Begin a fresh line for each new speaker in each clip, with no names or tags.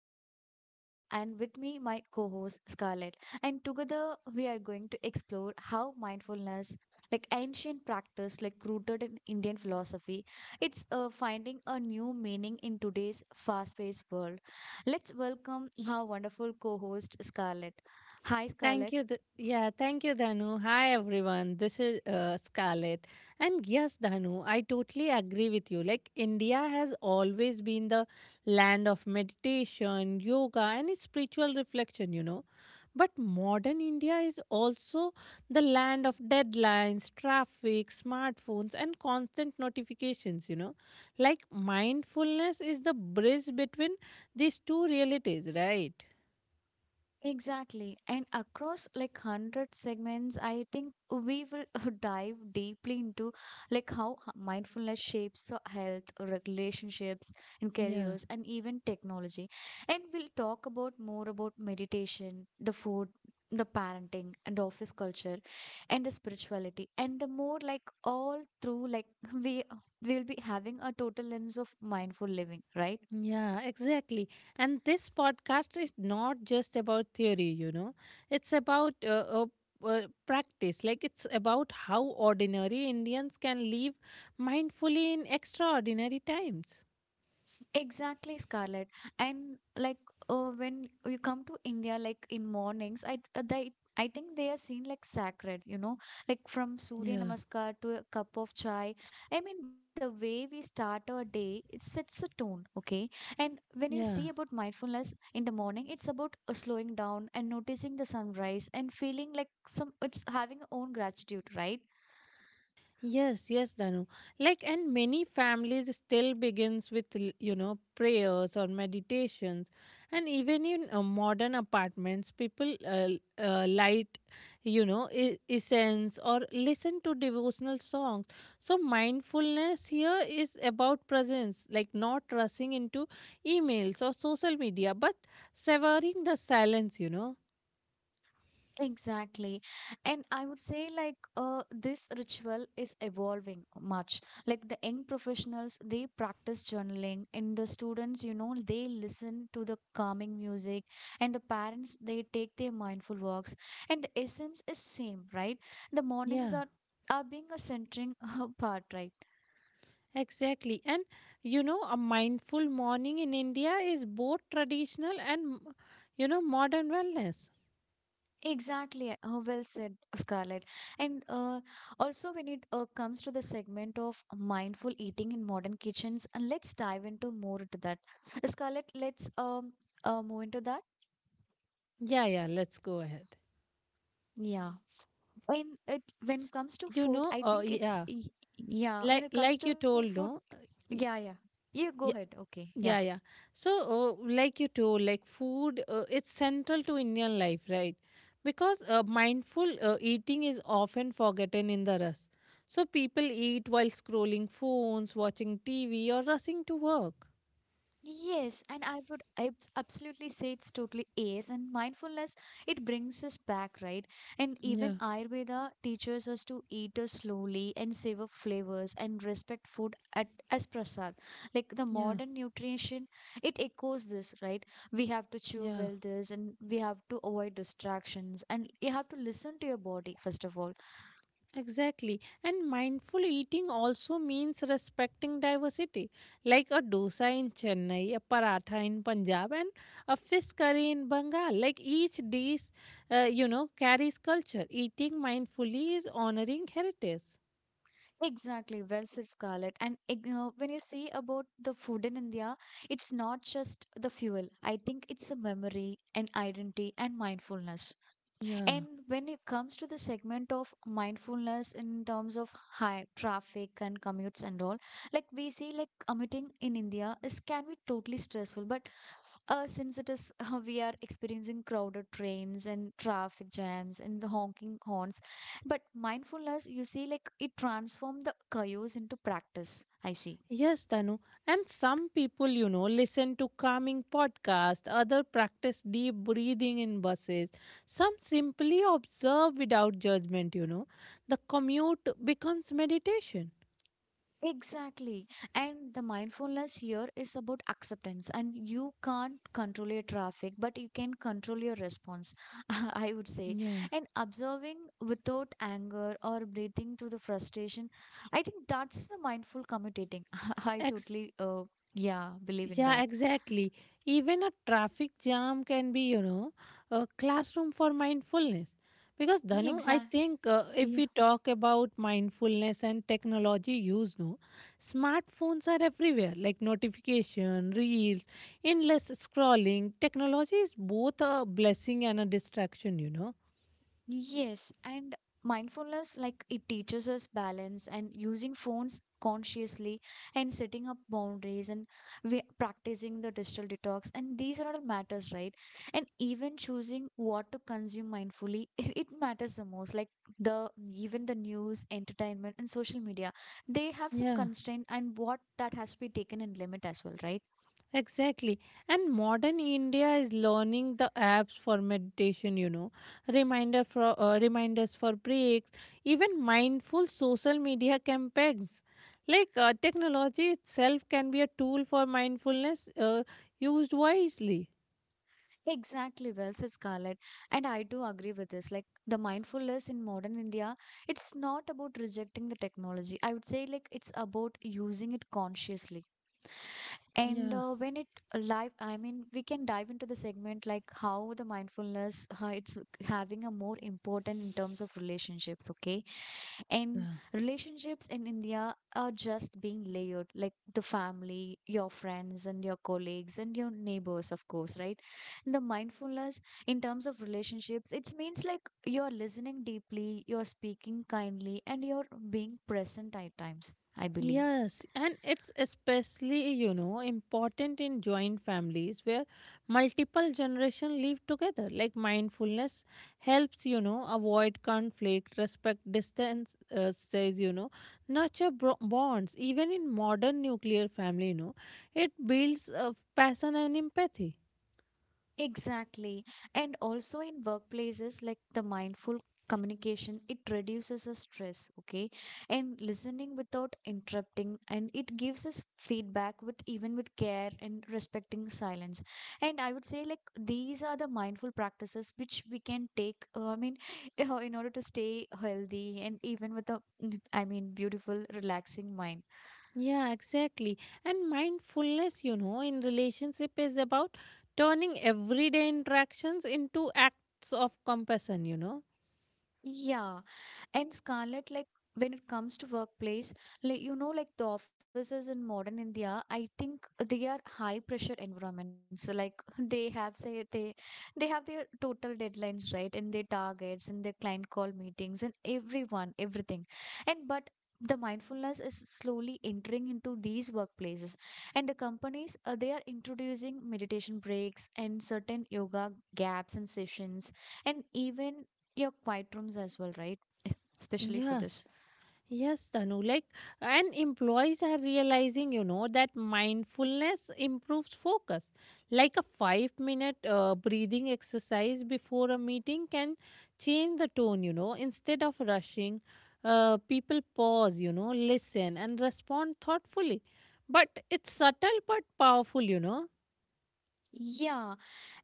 And I'm Danu, and with me, my co host Scarlett. And together, we are going to explore how mindfulness, like ancient practice, like rooted in Indian philosophy, it's finding a new meaning in today's fast paced world. Let's welcome our wonderful co host Scarlett. Hi,
Thank
Scarlett.
you. Thank you, Dhanu. Hi, everyone. This is Scarlett. And yes, Dhanu, I totally agree with you. Like, India has always been the land of meditation, yoga, and spiritual reflection, But modern India is also the land of deadlines, traffic, smartphones, and constant notifications, Like, mindfulness is the bridge between these two realities, right?
Exactly. And across like 100 segments, I think we will dive deeply into like mindfulness shapes the health, relationships, and
Yeah.
careers, and even technology. And we'll talk about more about meditation, the food, the parenting, and the office culture, and the spirituality. And the more like all through, like we we will be having a total lens of mindful living, right?
Yeah, exactly. And this podcast is not just about theory, you know, it's about uh, practice. Like, it's about how ordinary Indians can live mindfully in extraordinary times.
Exactly, Scarlett. And like when you come to India, like in mornings, I think they are seen like sacred, you know, like from Surya
Yeah,
Namaskar to a cup of chai. I mean, the way we start our day, it sets a tone, okay? And when you see
yeah.
about mindfulness in the morning, it's about slowing down and noticing the sunrise and feeling like some, it's having own gratitude, right?
Yes, yes, Danu. Like, and many families still begins with you know prayers or meditations, and even in modern apartments, people light, you know, essence or listen to devotional songs. So mindfulness here is about presence, like not rushing into emails or social media, but severing the silence. You know.
Exactly. And I would say like this ritual is evolving much. Like the young professionals, they practice journaling. And the students, you know, they listen to the calming music. And the parents, they take their mindful walks. And the essence is same, right? The mornings
Yeah.
are are being a centering part, right?
Exactly. And you know, a mindful morning in India is both traditional and, you know, modern wellness.
Exactly. Well said, Scarlett. And also, when it comes to the segment of mindful eating in modern kitchens, and let's dive into more into that. Scarlett, let's move into that.
Yeah, yeah, let's go ahead.
Yeah. When it when comes to
You
food,
know,
I
uh,
think
yeah,
yeah. When it comes
like
to
you
food,
told, no,
yeah, yeah.
y-
You go ahead.
yeah,
Okay. Yeah.
yeah, yeah. So, like you told, like food, it's central to Indian life, right? Because mindful eating is often forgotten in the rush. So people eat while scrolling phones, watching TV, or rushing to work.
Yes, and I would absolutely say it's totally AS and mindfulness, it brings us back, right? And even
Yeah,
Ayurveda teaches us to eat us slowly and savor flavors and respect food at, as prasad. Like the
yeah,
modern nutrition, it echoes this, right? We have to chew
yeah.
well this and we have to avoid distractions and you have to listen to your body, first of all.
Exactly. And mindful eating also means respecting diversity, like a dosa in Chennai, a paratha in Punjab, and a fish curry in Bengal. Like each dish, you know, carries culture. Eating mindfully is honoring heritage.
Exactly, well said, Scarlett. And when you see about the food in India, it's not just the fuel. I think it's a memory, an identity, and mindfulness.
Yeah.
And when it comes to the segment of mindfulness in terms of high traffic and commutes and all, like we see, like commuting in India is can be totally stressful, but since it is we are experiencing crowded trains and traffic jams and the honking horns, but mindfulness you see like it transforms the chaos into practice, I see.
Yes, Tanu. And some people, you know, listen to calming podcasts, other practice deep breathing in buses, some simply observe without judgment, you know. The commute becomes meditation.
Exactly. And the mindfulness here is about acceptance, and you can't control your traffic, but you can control your response, I would say.
Yeah.
And observing without anger or breathing through the frustration, I think that's the mindful commutating. I
Ex-
totally, yeah, believe in
yeah,
that.
exactly. Even a traffic jam can be, you know, a classroom for mindfulness. Because Dhanu, I
Exactly.
think if we talk about mindfulness and technology use, no, smartphones are everywhere, like notification, reels, endless scrolling. Technology is both a blessing and a distraction, you know.
Yes, and mindfulness like it teaches us balance and using phones consciously and setting up boundaries and we practicing the digital detox, and these are all matters, right? And even choosing what to consume mindfully, it matters the most, like the even the news entertainment and social media, they have some constraint and what that has to be taken in limit as well, right?
Exactly. And modern India is learning the apps for meditation, you know, reminders for breaks, even mindful social media campaigns. Like technology itself can be a tool for mindfulness used wisely.
Exactly, well said, Scarlett. And I do agree with this. Like the mindfulness in modern India, it's not about rejecting the technology. I would say like it's about using it consciously. And
Yeah.
when it live, I mean, we can dive into the segment like how the mindfulness how it's having a more important in terms of relationships. Okay, and relationships in India are just being layered, like the family, your friends, and your colleagues, and your neighbors, of course, right? The mindfulness in terms of relationships, it means like you're listening deeply, you're speaking kindly, and you're being present at times, I believe.
Yes, and it's especially, you know, important in joint families where multiple generations live together. Like mindfulness helps, you know, avoid conflict, respect distance, says, you know, nurture bonds. Even in modern nuclear family, you know, it builds passion and empathy.
Exactly. And also in workplaces like the mindful communication, it reduces the stress, okay? And listening without interrupting and it gives us feedback with even with care and respecting silence. And I would say like these are the mindful practices which we can take, I mean, in order to stay healthy and even with a, I mean, beautiful, relaxing mind.
Yeah, exactly. And mindfulness, you know, in relationship is about turning everyday interactions into acts of compassion, you know.
Yeah. And Scarlett, like when it comes to workplace, like you know, like the offices in modern India, I think they are high pressure environments. So like they have their total deadlines, right? And their targets and their client call meetings and everyone, everything. And but the mindfulness is slowly entering into these workplaces and the companies they are introducing meditation breaks and certain yoga gaps and sessions and even your quiet rooms as well, right? Especially for this,
Yes, yes, Tanu. Like, and employees are realizing, you know, that mindfulness improves focus. Like a 5 minute breathing exercise before a meeting can change the tone, you know. Instead of rushing, people pause, you know, listen and respond thoughtfully. But it's subtle but powerful, you know.
yeah.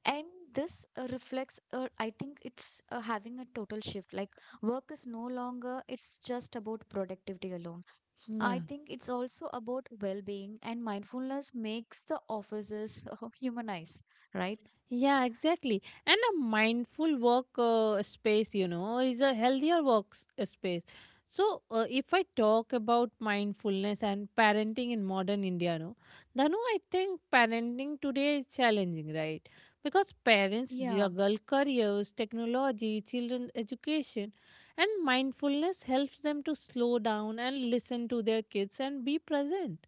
And this reflects, I think it's having a total shift, like work is no longer it's just about productivity alone. I
Yeah.
think it's also about well-being, and mindfulness makes the offices humanize, right?
Yeah, exactly. And a mindful work space, you know, is a healthier work space. So, if I talk about mindfulness and parenting in modern India, no, Dhanu, I think parenting today is challenging, right? Because parents
Yeah.
juggle careers, technology, children education, and mindfulness helps them to slow down and listen to their kids and be present.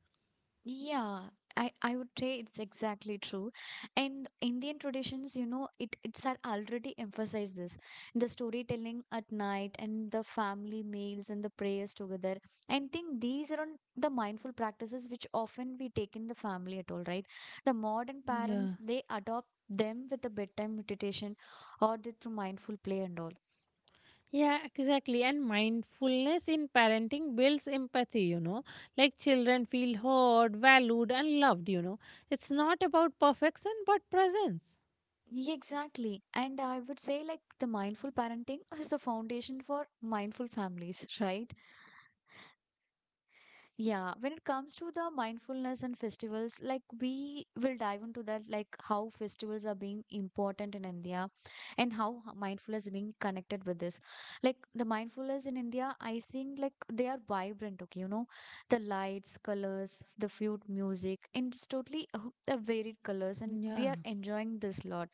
Yeah, I would say it's exactly true. And Indian traditions, you know, it's had already emphasized this. The storytelling at night and the family meals and the prayers together. I think these are on the mindful practices which often we take in the family at all, right? The modern
Yeah.
parents, they adopt them with the bedtime meditation or the, through mindful play and all.
Yeah, exactly. And mindfulness in parenting builds empathy, you know. Like children feel heard, valued, and loved, you know. It's not about perfection, but presence.
Yeah, exactly. And I would say like the mindful parenting is the foundation for mindful families, right? Yeah, when it comes to the mindfulness and festivals, like we will dive into that, like how festivals are being important in India and mindfulness is being connected with this. Like the mindfulness in India, I think like they are vibrant, okay, you know, the lights, colors, the flute music, and it's totally the varied colors, and we
Yeah.
are enjoying this lot.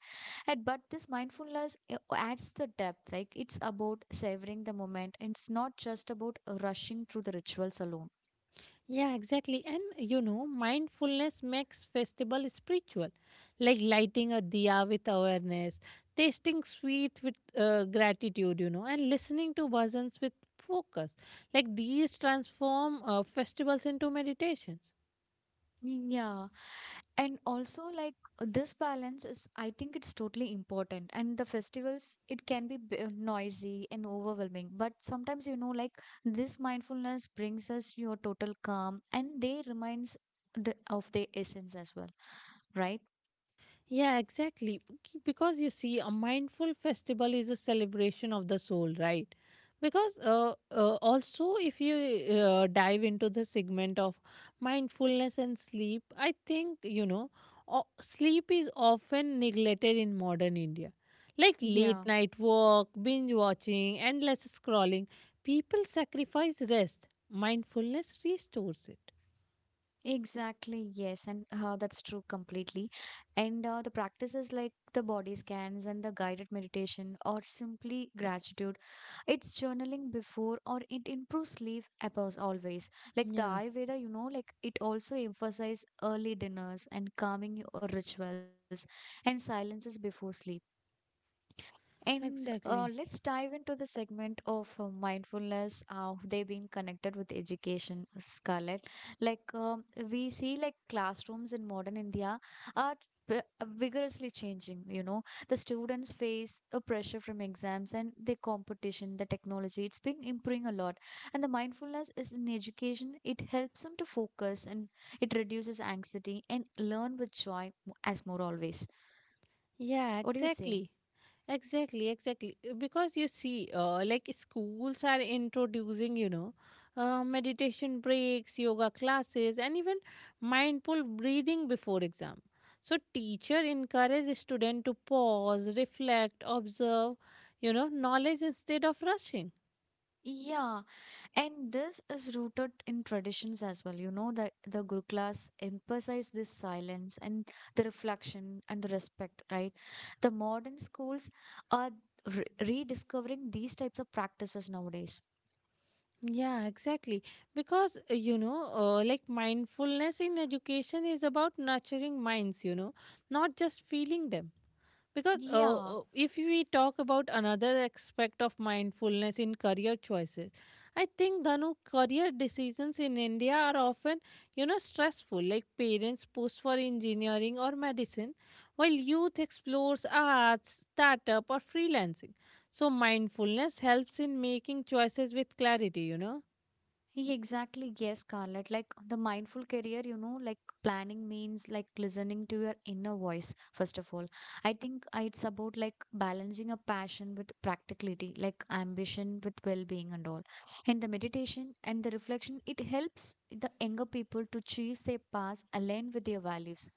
And but this mindfulness adds the depth, like it's about savoring the moment, and it's not just about rushing through the rituals alone.
Yeah, exactly. And you know, mindfulness makes festival spiritual, like lighting a diya with awareness, tasting sweet with gratitude, you know, and listening to bhajans with focus. Like these transform festivals into meditations.
Yeah, and also like this balance is, I think it's totally important. And the festivals, it can be noisy and overwhelming, but sometimes you know, like this mindfulness brings us your total calm, and they reminds the of their essence as well, right?
Yeah, exactly. Because you see, a mindful festival is a celebration of the soul, right? Because also, if you dive into the segment of mindfulness and sleep, I think, you know, sleep is often neglected in modern India. Like late
Yeah.
night work, binge watching, endless scrolling, people sacrifice rest. Mindfulness restores it.
Exactly, yes, and that's true completely. And the practices like the body scans and the guided meditation or simply gratitude, it's journaling before or it improves sleep above always. Like the
Yeah,
Ayurveda, you know, like it also emphasizes early dinners and calming your rituals and silences before sleep. And
exactly.
let's dive into the segment of mindfulness, how they being connected with education, Scarlett. Like we see, like classrooms in modern India are vi- vigorously changing. You know, the students face a pressure from exams and the competition, the technology. It's been improving a lot, and the mindfulness is in education. It helps them to focus and it reduces anxiety and learn with joy as more always.
Yeah,
What do you say?
exactly. Exactly, exactly. Because you see, like schools are introducing, you know, meditation breaks, yoga classes, and even mindful breathing before exam. So teacher encourage student to pause, reflect, observe, you know, knowledge instead of rushing.
Yeah, and this is rooted in traditions as well. You know, the Gurukulas emphasize this silence and the reflection and the respect, right? The modern schools are rediscovering these types of practices nowadays.
Yeah, exactly. Because you know, like mindfulness in education is about nurturing minds, you know, not just feeling them. Because
Yeah,
if we talk about another aspect of mindfulness in career choices, I think Dhanu career decisions in India are often, you know, stressful. Like parents push for engineering or medicine, while youth explores arts, startup, or freelancing. So mindfulness helps in making choices with clarity. You know.
Exactly, yes, Scarlett. Like the mindful career, you know, like planning means like listening to your inner voice, first of all. I think it's about like balancing a passion with practicality, like ambition with well being and all. And the meditation and the reflection, it helps the younger people to choose their paths aligned with their values.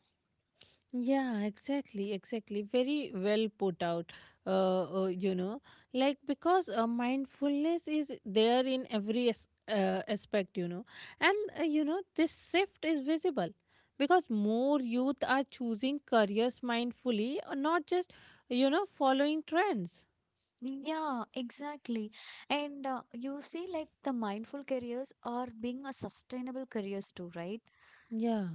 Yeah, exactly, exactly. Very well put out. You know, like because mindfulness is there in every aspect, you know, and you know, this shift is visible because more youth are choosing careers mindfully, not just, you know, following trends.
Yeah, exactly. And you see, like the mindful careers are being a sustainable careers too, right?
Yeah,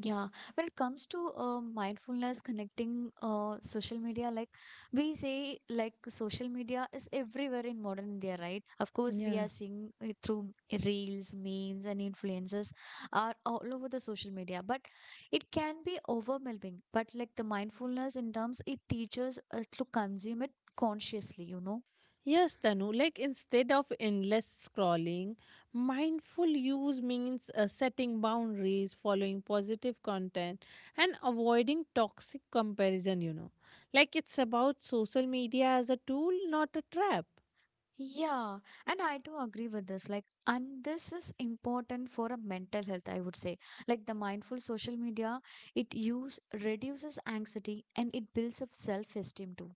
Yeah, when it comes to mindfulness connecting social media, like we say, like social media is everywhere in modern India, right? Of course, we
yeah.
are seeing it through reels, memes, and influencers are all over the social media, but it can be overwhelming. But like the mindfulness in terms, it teaches us to consume it consciously, you know.
Yes, Tanu, like instead of endless scrolling, mindful use means setting boundaries, following positive content, and avoiding toxic comparison, you know. Like it's about social media as a tool, not a trap.
Yeah, and I do agree with this. Like, and this is important for a mental health, I would say. Like the mindful social media, it use reduces anxiety and it builds up self-esteem too.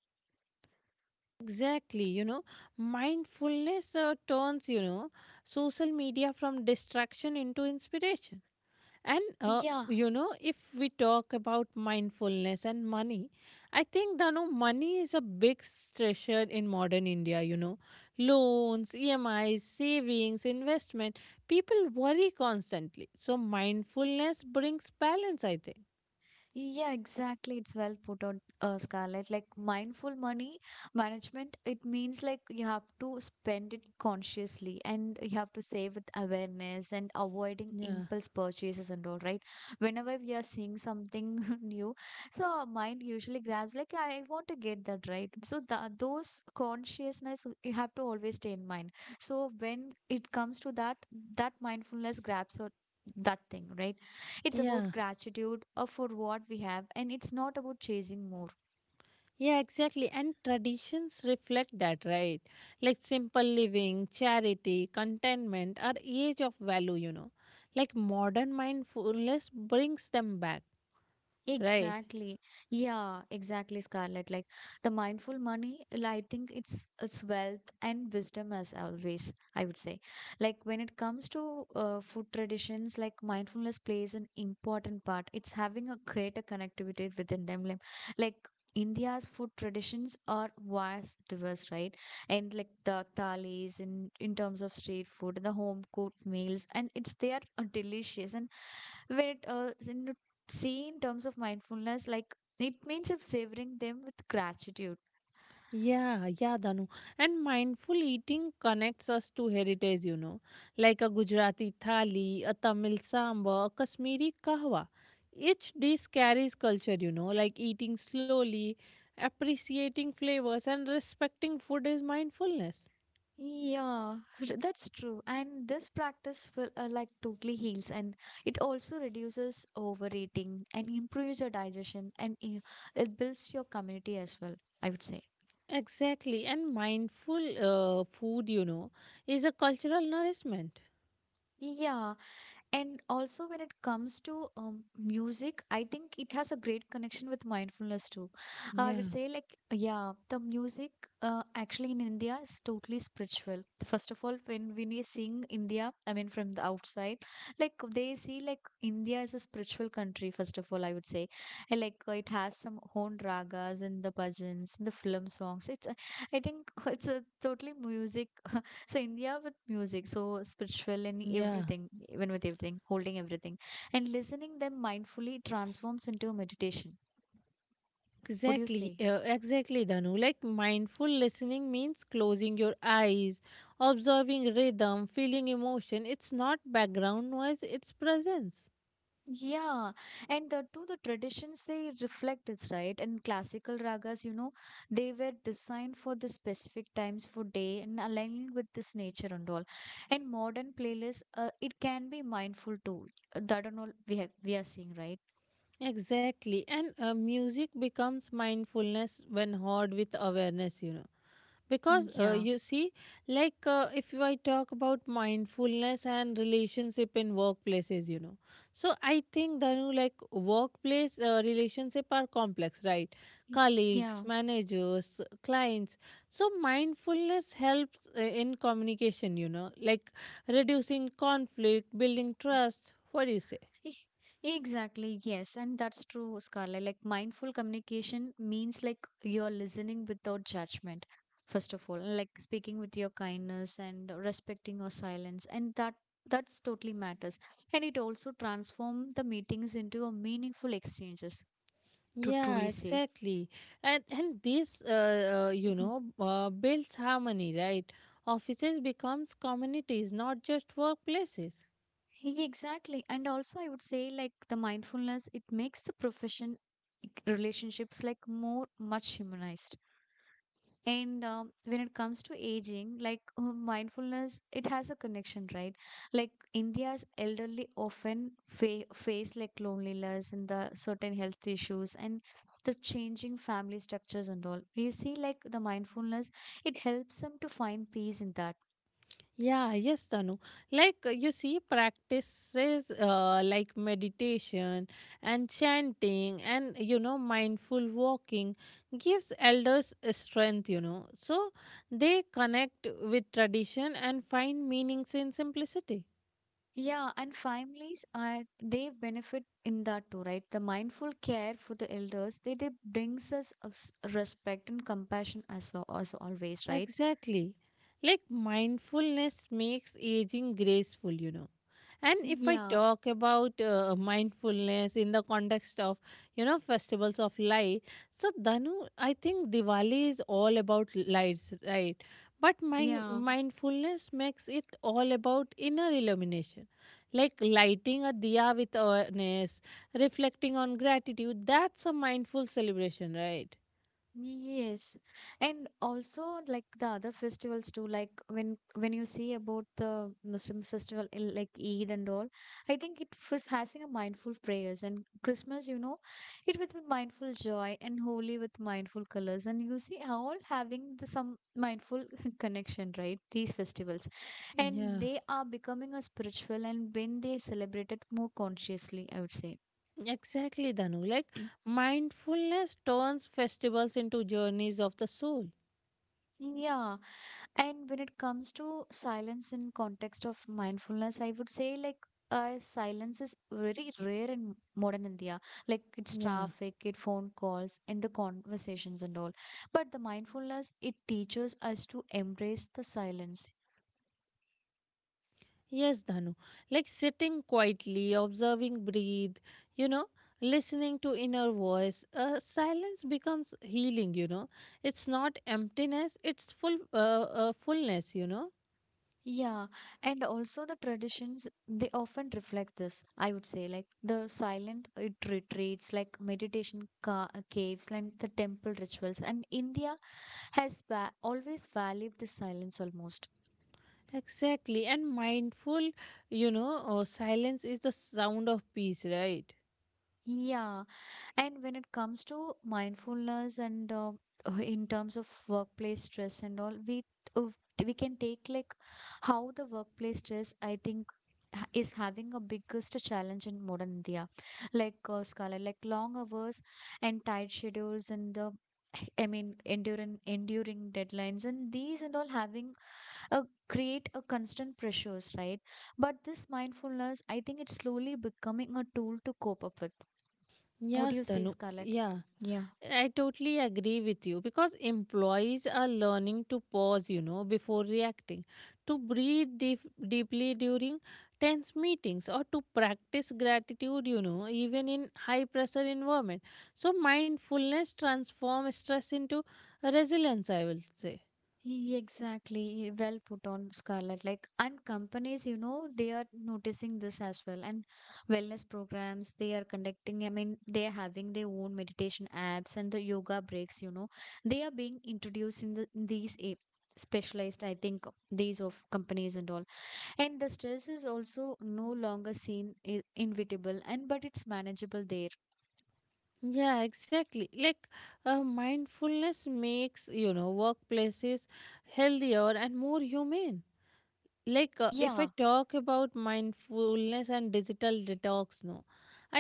Exactly, you know, mindfulness turns, you know, social media from distraction into inspiration. And
Yeah.
you know, if we talk about mindfulness and money, I think Danu, money is a big treasure in modern India. You know, loans, EMIs, savings, investment. People worry constantly, so mindfulness brings balance. I think.
Yeah, exactly. It's well put on, Scarlett. Like mindful money management, it means like you have to spend it consciously and you have to save with awareness and avoiding
Yeah,
impulse purchases and all, right? Whenever we are seeing something new, so our mind usually grabs like I want to get that, right? So the, those consciousness you have to always stay in mind. So when it comes to that, that mindfulness grabs o- that thing, right? It's about
yeah,
gratitude for what we have, and it's not about chasing more.
yeah, exactly. And traditions reflect that, right? Like simple living, charity, contentment are age of value. You know, like modern mindfulness brings them back. Right.
Exactly. Yeah, exactly, Scarlett. Like the mindful money, I think it's wealth and wisdom as always, I would say. Like when it comes to food traditions, like mindfulness plays an important part. It's having a greater connectivity within them. Like, India's food traditions are vast diverse, right? And like the thalis in terms of street food, and the home cooked meals, and it's they are delicious and when it in to see in terms of mindfulness, like it means of savoring them with gratitude.
Yeah, yeah, Danu. And mindful eating connects us to heritage, you know, like a Gujarati thali, a Tamil samba, a Kashmiri kahwa. Each dish carries culture, you know, like eating slowly, appreciating flavors, and respecting food is mindfulness.
Yeah, that's true, and this practice will like totally heals, and it also reduces overeating and improves your digestion and it builds your community as well, I would say.
Exactly. And mindful food, you know, is a cultural nourishment.
Yeah. And also, when it comes to music, I think it has a great connection with mindfulness too. I
Yeah,
would say, like, yeah, the music actually in India is totally spiritual. First of all, when we sing India, I mean, from the outside, like, they see, like, India is a spiritual country, first of all, I would say. And, like, it has some own ragas in the bhajans, in the film songs. It's, I think, it's a totally music. So India with music, so spiritual and
yeah.
everything, even with everything, holding everything, and listening them mindfully transforms into a meditation. What do you
Exactly,
say?
exactly, Danu. Like mindful listening means closing your eyes, observing rhythm, feeling emotion. It's not background noise, it's presence.
Yeah, and the traditions they reflect this, right. And classical ragas, you know, they were designed for the specific times for day and aligning with this nature and all. And modern playlists, it can be mindful too. That and all we are seeing, right.
Exactly, and music becomes mindfulness when heard with awareness, you know. Because
Mm, yeah,
you see like if you- I talk about mindfulness and relationship in workplaces, you know. So I think danu, like workplace relationship are complex, right?
Y-
Colleagues,
yeah.
managers, clients. So mindfulness helps in communication, you know, like reducing conflict, building trust. What do you say?
E- Exactly, yes, and that's true, Scarlett. Like mindful communication means like you're listening without judgment, first of all, and, like speaking with your kindness and respecting your silence, and that's totally matters. And it also transforms the meetings into a meaningful exchanges to
Yeah,
truly say.
exactly. And this you
Mhm.
know builds harmony, right? Offices becomes communities, not just workplaces.
Yeah, exactly, and also I would say like the mindfulness it makes the profession like, relationships like more much humanized. And when it comes to aging, like mindfulness, it has a connection, right? Like India's elderly often face like loneliness and the certain health issues and the changing family structures and all. You see, like the mindfulness, it helps them to find peace in that.
Yeah, yes, Tanu. Like you see practices like meditation and chanting and you know mindful walking gives elders a strength, you know. So they connect with tradition and find meanings in simplicity.
Yeah, and families are they benefit in that too, right? The mindful care for the elders, they brings us a respect and compassion as well as always, right?
Exactly. Like mindfulness makes aging graceful, you know. And if I
Yeah,
talk about mindfulness in the context of, you know, festivals of light, so Danu, I think Diwali is all about lights, right? But
yeah.
mindfulness makes it all about inner illumination, like lighting a diya with awareness, reflecting on gratitude. That's a mindful celebration, right?
Yes, and also like the other festivals too. Like when you see about the Muslim festival like Eid and all, I think it was having a mindful prayers and Christmas. You know, it with mindful joy and holy with mindful colors, and you see all having the, some mindful connection, right? These festivals, and
Yeah.
they are becoming a spiritual, and when they celebrate it more consciously, I would say.
Exactly, Danu. Like mindfulness turns festivals into journeys of the soul.
Yeah. And when it comes to silence in context of mindfulness, I would say like silence is very rare in modern India. Like it's
Yeah.
traffic, it phone calls, and the conversations and all. But the mindfulness it teaches us to embrace the silence.
Yes, Danu. Like sitting quietly, observing breathe, you know, listening to inner voice. Silence becomes healing, you know. It's not emptiness, it's fullness, you know.
Yeah, and also the traditions, they often reflect this, I would say, like the silent retreats, like meditation ca caves, and the temple rituals. And India has va always valued the silence almost.
Exactly. And mindful, silence is the sound of peace, right?
Yeah. And when it comes to mindfulness and in terms of workplace stress and all, uh, we can take like how the workplace stress I think is having a biggest challenge in modern India, like Scarlet, like long hours and tight schedules and the I mean enduring deadlines and these and all having a create a constant pressures, right? But this mindfulness, I think it's slowly becoming a tool to cope up with, what do
Yes,
you say,
Danu.
Scarlett?
Yeah.
Yeah,
I totally agree with you because employees are learning to pause, you know, before reacting, to deeply during tense meetings, or to practice gratitude, you know, even in high pressure environment. So mindfulness transforms stress into resilience, I will say.
exactly. E, well put on, Scarlett. Like, and companies, you know, they are noticing this as well. And wellness programs, they are conducting, I mean, they are having their own meditation apps and the yoga breaks, you know, they are being introduced in the in these a specialized, I think, these of companies and all. And the stress is also no longer seen inevitable and but it's manageable there.
Yeah, exactly. Like mindfulness makes, you know, workplaces healthier and more humane. Like if I
Yeah.
talk about mindfulness and digital detox, no,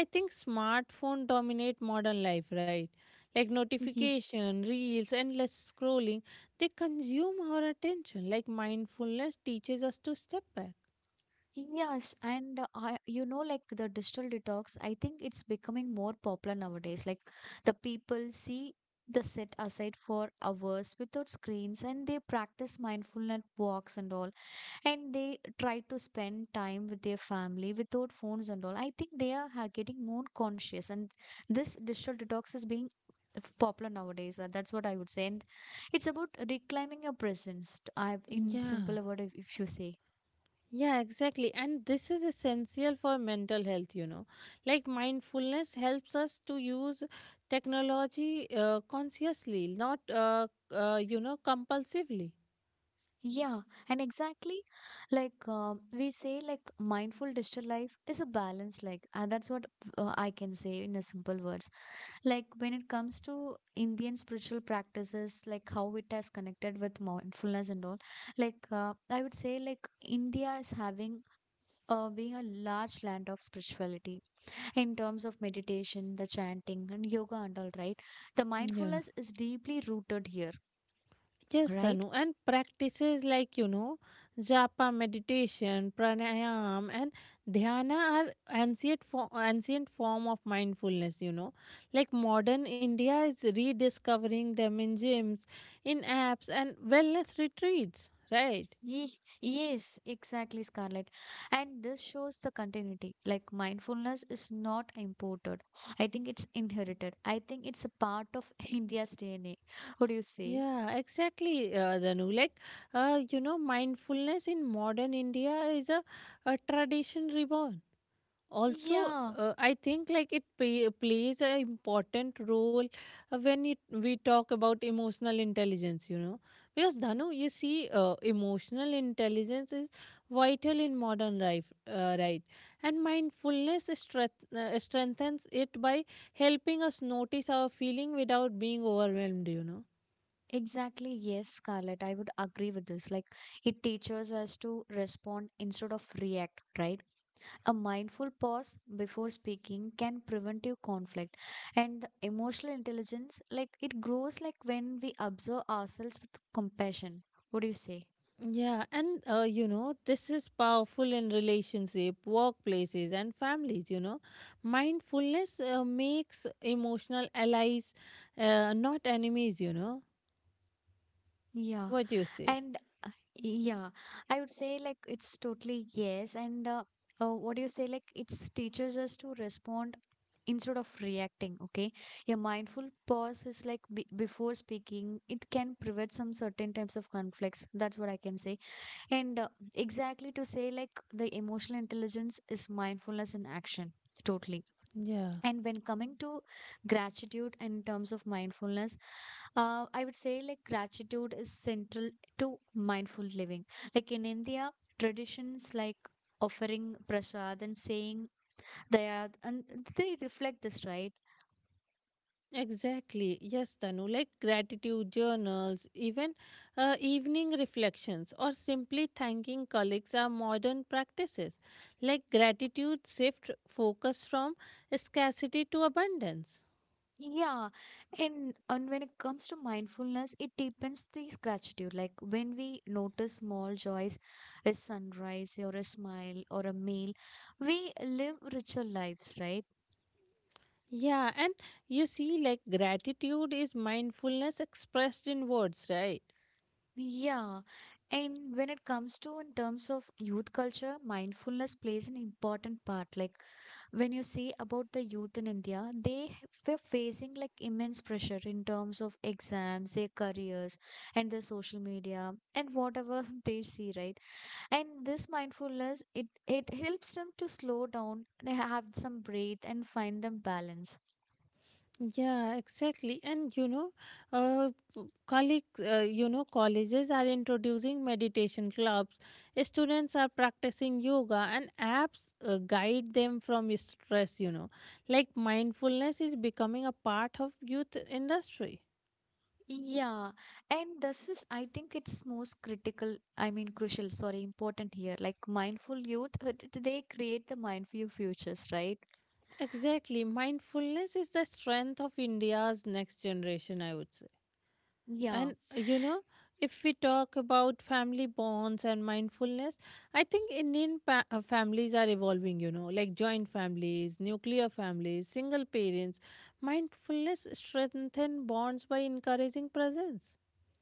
I think smartphone dominate modern life, right? Like notification, reels, endless scrolling, they consume our attention. Like mindfulness teaches us to step back.
Yes, and I, you know, like the digital detox, I think it's becoming more popular nowadays. Like the people see the set aside for hours without screens and they practice mindfulness walks and all. And they try to spend time with their family without phones and all. I think they are getting more conscious, and this digital detox is being popular nowadays. That's what I would say. And it's about reclaiming your presence, I, in
Yeah,
simple word, if you say.
yeah, exactly. And this is essential for mental health, you know. Like mindfulness helps us to use technology consciously, not you know compulsively.
Yeah, and exactly like we say, like mindful digital life is a balance, like, and that's what I can say in a simple words. Like, when it comes to Indian spiritual practices, like how it has connected with mindfulness and all, like, I would say, like, India is having being a large land of spirituality in terms of meditation, the chanting, and yoga, and all right. The
Yeah.
mindfulness is deeply rooted here,
Yes,
right?
Tanu, and practices like you know, japa meditation, pranayam, and dhyana are ancient form of mindfulness. You know, like modern India is rediscovering them in gyms, in apps, and wellness retreats. Right?
Yes, exactly, Scarlett. And this shows the continuity. Like mindfulness is not imported. I think it's inherited. I think it's a part of India's DNA. What do you say?
Yeah, exactly, Danu. Like, you know, mindfulness in modern India is a tradition reborn. Also
Yeah,
I think like plays an important role when it, we talk about emotional intelligence, you know. Because dhanu you see emotional intelligence is vital in modern life, right? And mindfulness strengthens it by helping us notice our feeling without being overwhelmed, you know.
exactly. Yes, Scarlett. I would agree with this. Like it teaches us to respond instead of react, right? A mindful pause before speaking can prevent you conflict. And the emotional intelligence, like it grows like when we observe ourselves with compassion. What do you say?
Yeah, and you know, this is powerful in relationship, workplaces, and families. You know, mindfulness makes emotional allies, not enemies. You know,
Yeah.
what do you say?
And yeah, I would say like it's totally yes. And what do you say? Like it's teaches us to respond instead of reacting. Okay. A mindful pause is like be before speaking, it can prevent some certain types of conflicts. That's what I can say. And exactly to say, like, the emotional intelligence is mindfulness in action, totally.
Yeah,
And when coming to gratitude in terms of mindfulness, I would say, like, gratitude is central to mindful living. Like, in India, traditions like offering prasad and saying daya, and they reflect this, right?
exactly. Yes, Tanu, like gratitude journals, even evening reflections, or simply thanking colleagues are modern practices. Like gratitude shift focus from scarcity to abundance.
Yeah, and when it comes to mindfulness, it deepens this gratitude. Like when we notice small joys, a sunrise or a smile or a meal, we live richer lives, right?
Yeah, and you see, like gratitude is mindfulness expressed in words, right?
Yeah, and when it comes to in terms of youth culture, mindfulness plays an important part. Like when you see about the youth in India, they were facing like immense pressure in terms of exams, their careers, and their social media, and whatever they see, right? And this mindfulness it it helps them to slow down and have some breath and find them balance.
Yeah, exactly. And you know, uh, colleagues, colleges are introducing meditation clubs. Students are practicing yoga, and apps guide them from stress. You know, like mindfulness is becoming a part of youth industry.
Yeah, and this is I think it's most critical I mean crucial sorry important here, like mindful youth they create the mindful futures, right?
Exactly, mindfulness is the strength of India's next generation, I would say.
Yeah.
And you know, if we talk about family bonds and mindfulness, I think Indian families are evolving, you know, like joint families, nuclear families, single parents. Mindfulness strengthens bonds by encouraging presence.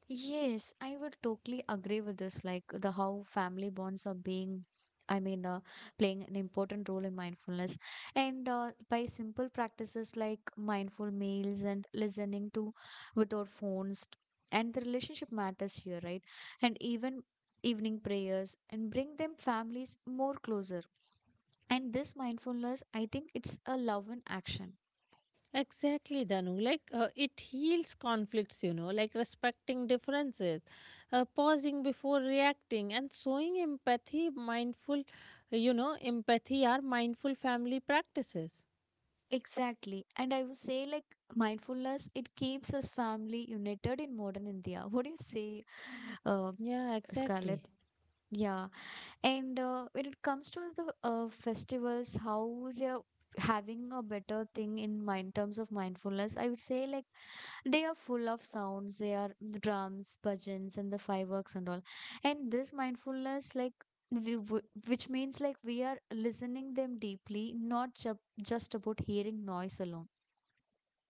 Yes, I would totally agree with this. Like the how family bonds are being, I mean, playing an important role in mindfulness. And by simple practices like mindful meals and listening to without phones, and the relationship matters here, right? And even evening prayers and bring them families more closer. And this mindfulness, I think it's a love in action.
Exactly, Danu. Like it heals conflicts, you know, like respecting differences, pausing before reacting, and showing empathy, mindful, empathy are mindful family practices.
Exactly. And I would say, like, mindfulness, it keeps us family united in modern India. What do you say, uh,
Yeah, exactly.
Scarlett? Yeah. And when it comes to the festivals, how they're having a better thing in mind terms of mindfulness, I would say, like, they are full of sounds, they are the drums, bhajans, and the fireworks and all. And this mindfulness, like, we would, which means like we are listening them deeply, not ju- just about hearing noise alone.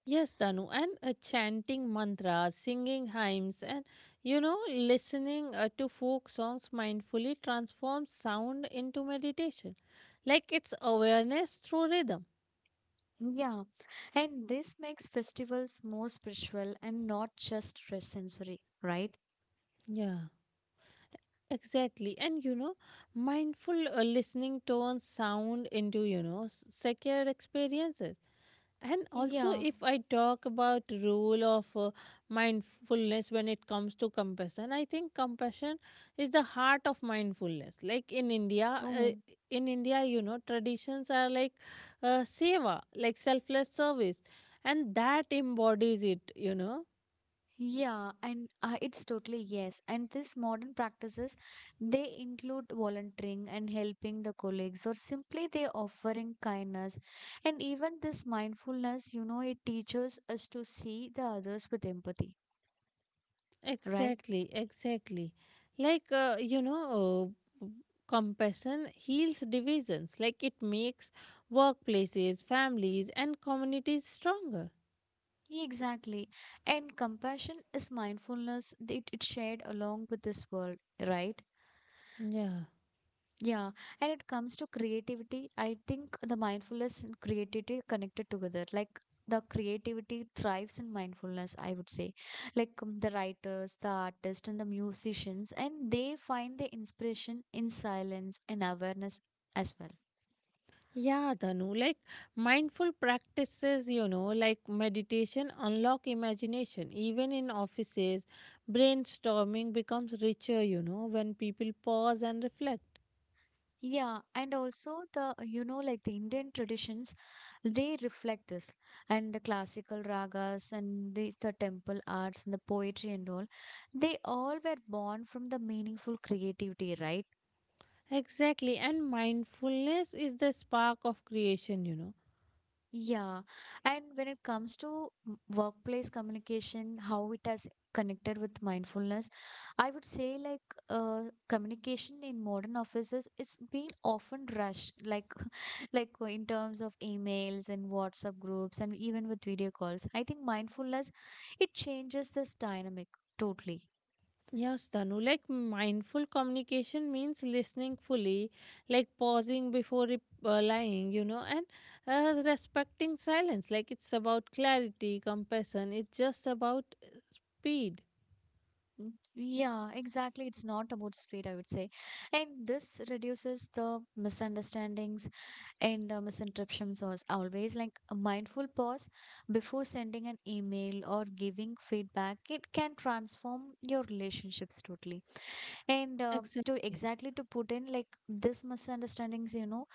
Yes, Tanu, and chanting mantras, singing hymns, and listening to folk songs mindfully transforms sound into meditation. Like it's awareness through rhythm.
Yeah, and this makes festivals more spiritual and not just sensory, right?
Yeah, exactly. And you know, mindful listening turns sound into, secured experiences. And also,
Yeah.
if I talk about role of mindfulness when it comes to compassion, I think compassion is the heart of mindfulness. Like in india uh,
Oh,
in india you know, traditions are like seva, like selfless service, and that embodies it, you know.
yeah. And it's totally yes. And these modern practices, they include volunteering and helping the colleagues, or simply they offering kindness. And even this mindfulness, you know, it teaches us to see the others with empathy, right?
Exactly, exactly. Like compassion heals divisions. Like it makes workplaces, families, and communities stronger.
Exactly. And compassion is mindfulness. It shared along with this world, right?
Yeah.
Yeah, and it comes to creativity. I think the mindfulness and creativity are connected together. Like the creativity thrives in mindfulness, I would say. Like the writers, the artists, and the musicians, and they find the inspiration in silence and awareness as well.
Yeah, Dhanu, like mindful practices, like meditation unlock imagination. Even in offices, brainstorming becomes richer, when people pause and reflect.
Yeah, and also the, you know, like the Indian traditions, they reflect this. And the classical ragas and the temple arts and the poetry and all, they all were born from the meaningful creativity, right?
Exactly, and mindfulness is the spark of creation.
Yeah, and when it comes to workplace communication, how it has connected with mindfulness, I would say like communication in modern offices, it's been often rushed, like like in terms of emails and WhatsApp groups and even with video calls. I think mindfulness, it changes this dynamic totally.
Yes, Tanu, like mindful communication means listening fully, like pausing before replying, and respecting silence. Like it's about clarity, compassion, it's just about speed.
Mm, yeah, exactly. It's not about speed, I would say. And this reduces the misunderstandings. And misinterruptions was always like a mindful pause before sending an email or giving feedback. It can transform your relationships totally. And to
Exactly.
exactly to put in like this misunderstandings,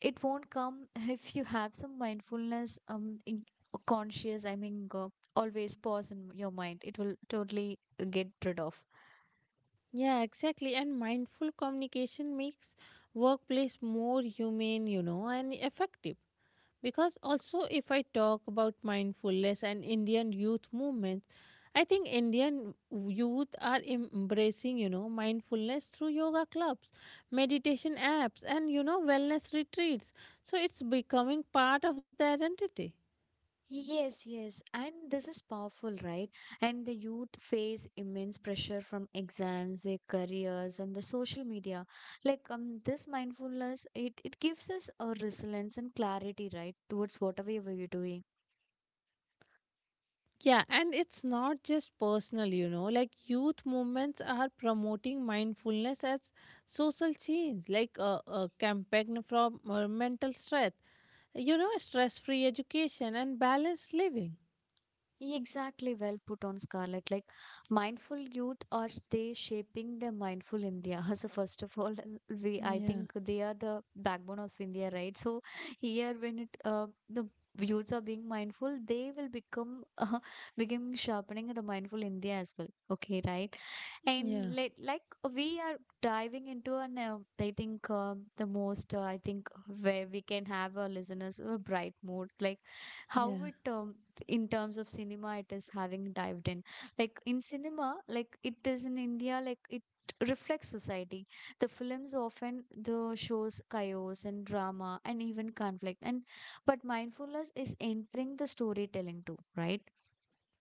it won't come if you have some mindfulness in, conscious. I mean, always pause in your mind. It will totally get rid of.
Yeah, exactly. And mindful communication makes workplace more humane, and effective. Because also, if I talk about mindfulness and Indian youth movement, I think Indian youth are embracing mindfulness through yoga clubs, meditation apps, and wellness retreats, so it's becoming part of their identity.
Yes, yes, and this is powerful, right? And the youth face immense pressure from exams, their careers, and the social media. This mindfulness, it gives us a resilience and clarity, right, towards whatever we are doing.
Yeah, and it's not just personal, like youth movements are promoting mindfulness as social change, like a campaign from mental stress, stress free education and balanced living.
Exactly, well put on Scarlett. Like mindful youth are they shaping the mindful India. So first of all, we I
Yeah,
think they are the backbone of India, right? So here when it the youths are being mindful, they will become becoming sharpening the mindful India as well. Okay, right? And
yeah,
like we are diving into an I think the most I think where we can have our listeners a bright mood, like how
yeah.
it in terms of cinema it is having dived in, like in cinema, like it is in India, like it reflects society. The films often, the shows chaos and drama and even conflict, and but mindfulness is entering the storytelling too, right?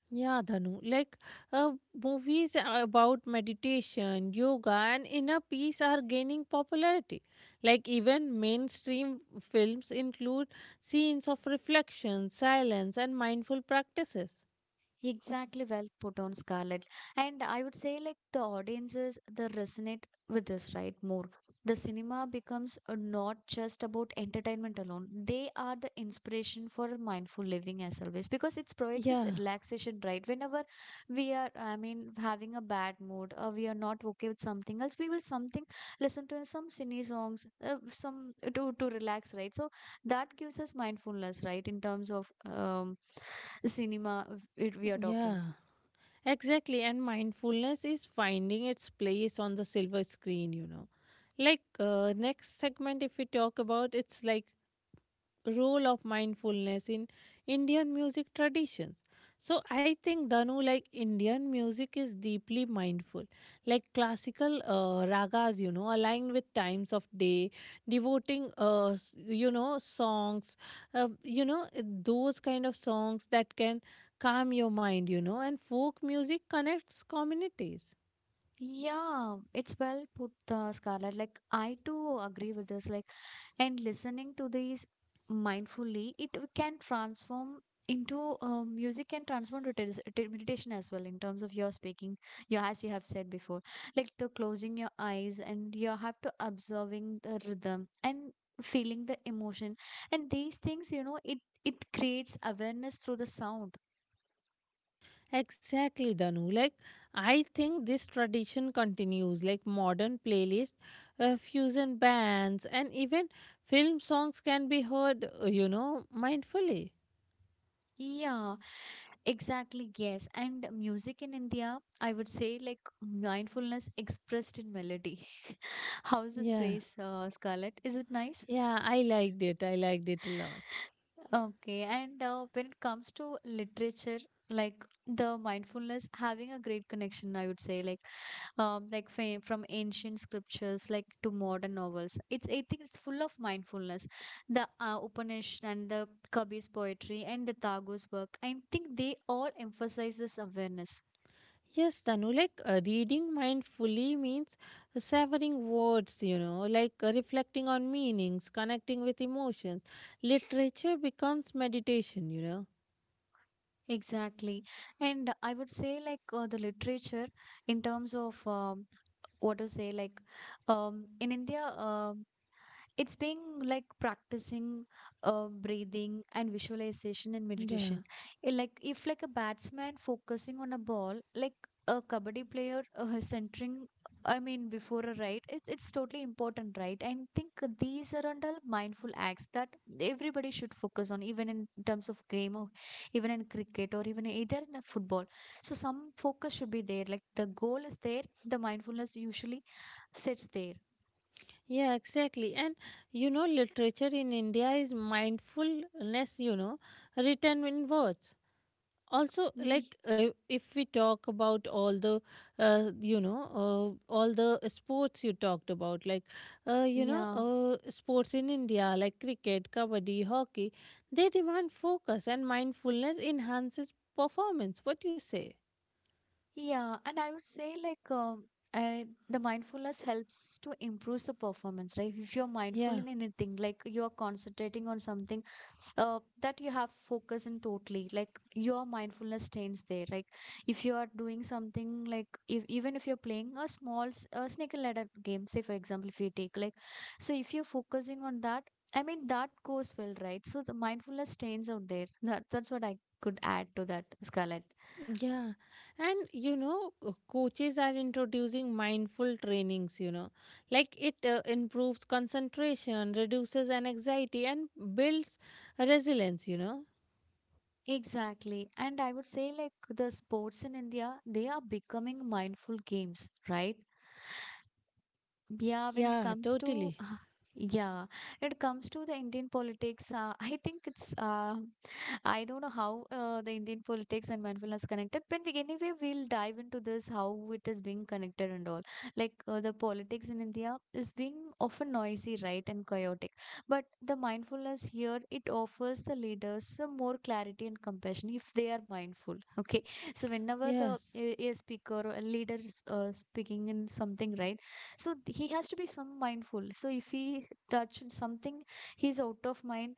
Yeah, Dhanu. Like uh, movies about meditation, yoga, and inner peace are gaining popularity. Like, even mainstream films include scenes of reflection, silence, and mindful practices.
Exactly, well put on Scarlett. And I would say like the audiences they resonate with this, right? More. The cinema becomes not just about entertainment alone. They are the inspiration for mindful living as always because it provides us
Yeah,
relaxation, right? Whenever we are, I mean, having a bad mood or we are not okay with something else, we will something listen to some cine songs, some to relax, right? So that gives us mindfulness, right? In terms of cinema it we are talking.
yeah. Exactly, and mindfulness is finding its place on the silver screen. Like next segment, if we talk about, it's like role of mindfulness in Indian music traditions. So I think Danu, like Indian music is deeply mindful, like classical ragas, aligned with times of day, devoting, songs, those kind of songs that can calm your mind, and folk music connects communities.
Yeah, it's well put, Scarlett. Like, I too agree with this. Like, and listening to these mindfully, can transform into music can transform to to meditation as well in terms of your speaking your, as you have said before, like the closing your eyes and you have to observing the rhythm and feeling the emotion. And these things, you know, it creates awareness through the sound.
Exactly, Danu. Like, I think this tradition continues, like modern playlists, fusion bands, and even film songs can be heard, mindfully.
Yeah, exactly, yes. And music in India, I would say like mindfulness expressed in melody. How's this
Yeah,
phrase, Scarlett? Is it nice?
yeah, I liked it. I liked it a lot.
Okay. And when it comes to literature, like the mindfulness having a great connection, I would say, like from ancient scriptures like to modern novels. It's, I think it's full of mindfulness. The Upanishad and the Kabir's poetry and the Tagore's work. I think they all emphasize this awareness.
Yes, Danu, like reading mindfully means savoring words, like reflecting on meanings, connecting with emotions. Literature becomes meditation.
Exactly. And I would say, like, the literature in terms of what to say, like, in India. It's being like practicing breathing and visualization and
Yeah.
meditation. Eh, like if like a batsman focusing on a ball, like a kabaddi player centering, I mean before a right, it's totally important, right? And think these are all mindful acts that everybody should focus on, even in terms of game, or even in cricket, or even either in a football. So some focus should be there, like the goal is there, the mindfulness usually sits there.
Yeah, exactly. And literature in India is mindfulness, written in words. Also,
Ye-
like if we talk about all the sports you talked about, like,
yeah.
sports in India, like cricket, kabaddi, hockey, they demand focus and mindfulness enhances performance. What do you say?
Yeah, and I would say like uh, the mindfulness helps to improve the performance, right? If you're mindful in anything, like you're concentrating on something that you have focus in totally, like your mindfulness stays there. Like if you are doing something, like if even if you're playing a small snake and ladder game, say for example, if you take like, so if you're focusing on that, I mean that goes well, right? So the mindfulness stays out there. That's what I could add to that, Scarlett.
Yeah, and you know, coaches are introducing mindful trainings, like it improves concentration, reduces an anxiety, and builds resilience.
Exactly. And I would say, like, the sports in India, they are becoming mindful games, right? Yeah, when it
Yeah,
comes to,
totally.
yeah, when it comes to the Indian politics, I think it's I don't know how the Indian politics and mindfulness connected, but anyway, we'll dive into this how it is being connected and all. Like the politics in India is being often noisy, right, and chaotic. But the mindfulness here it offers the leaders some more clarity and compassion if they are mindful. Okay, so whenever the
Yes,
a speaker or a leader is speaking in something, right, so he has to be some mindful. So if he touched something, he's out of mind,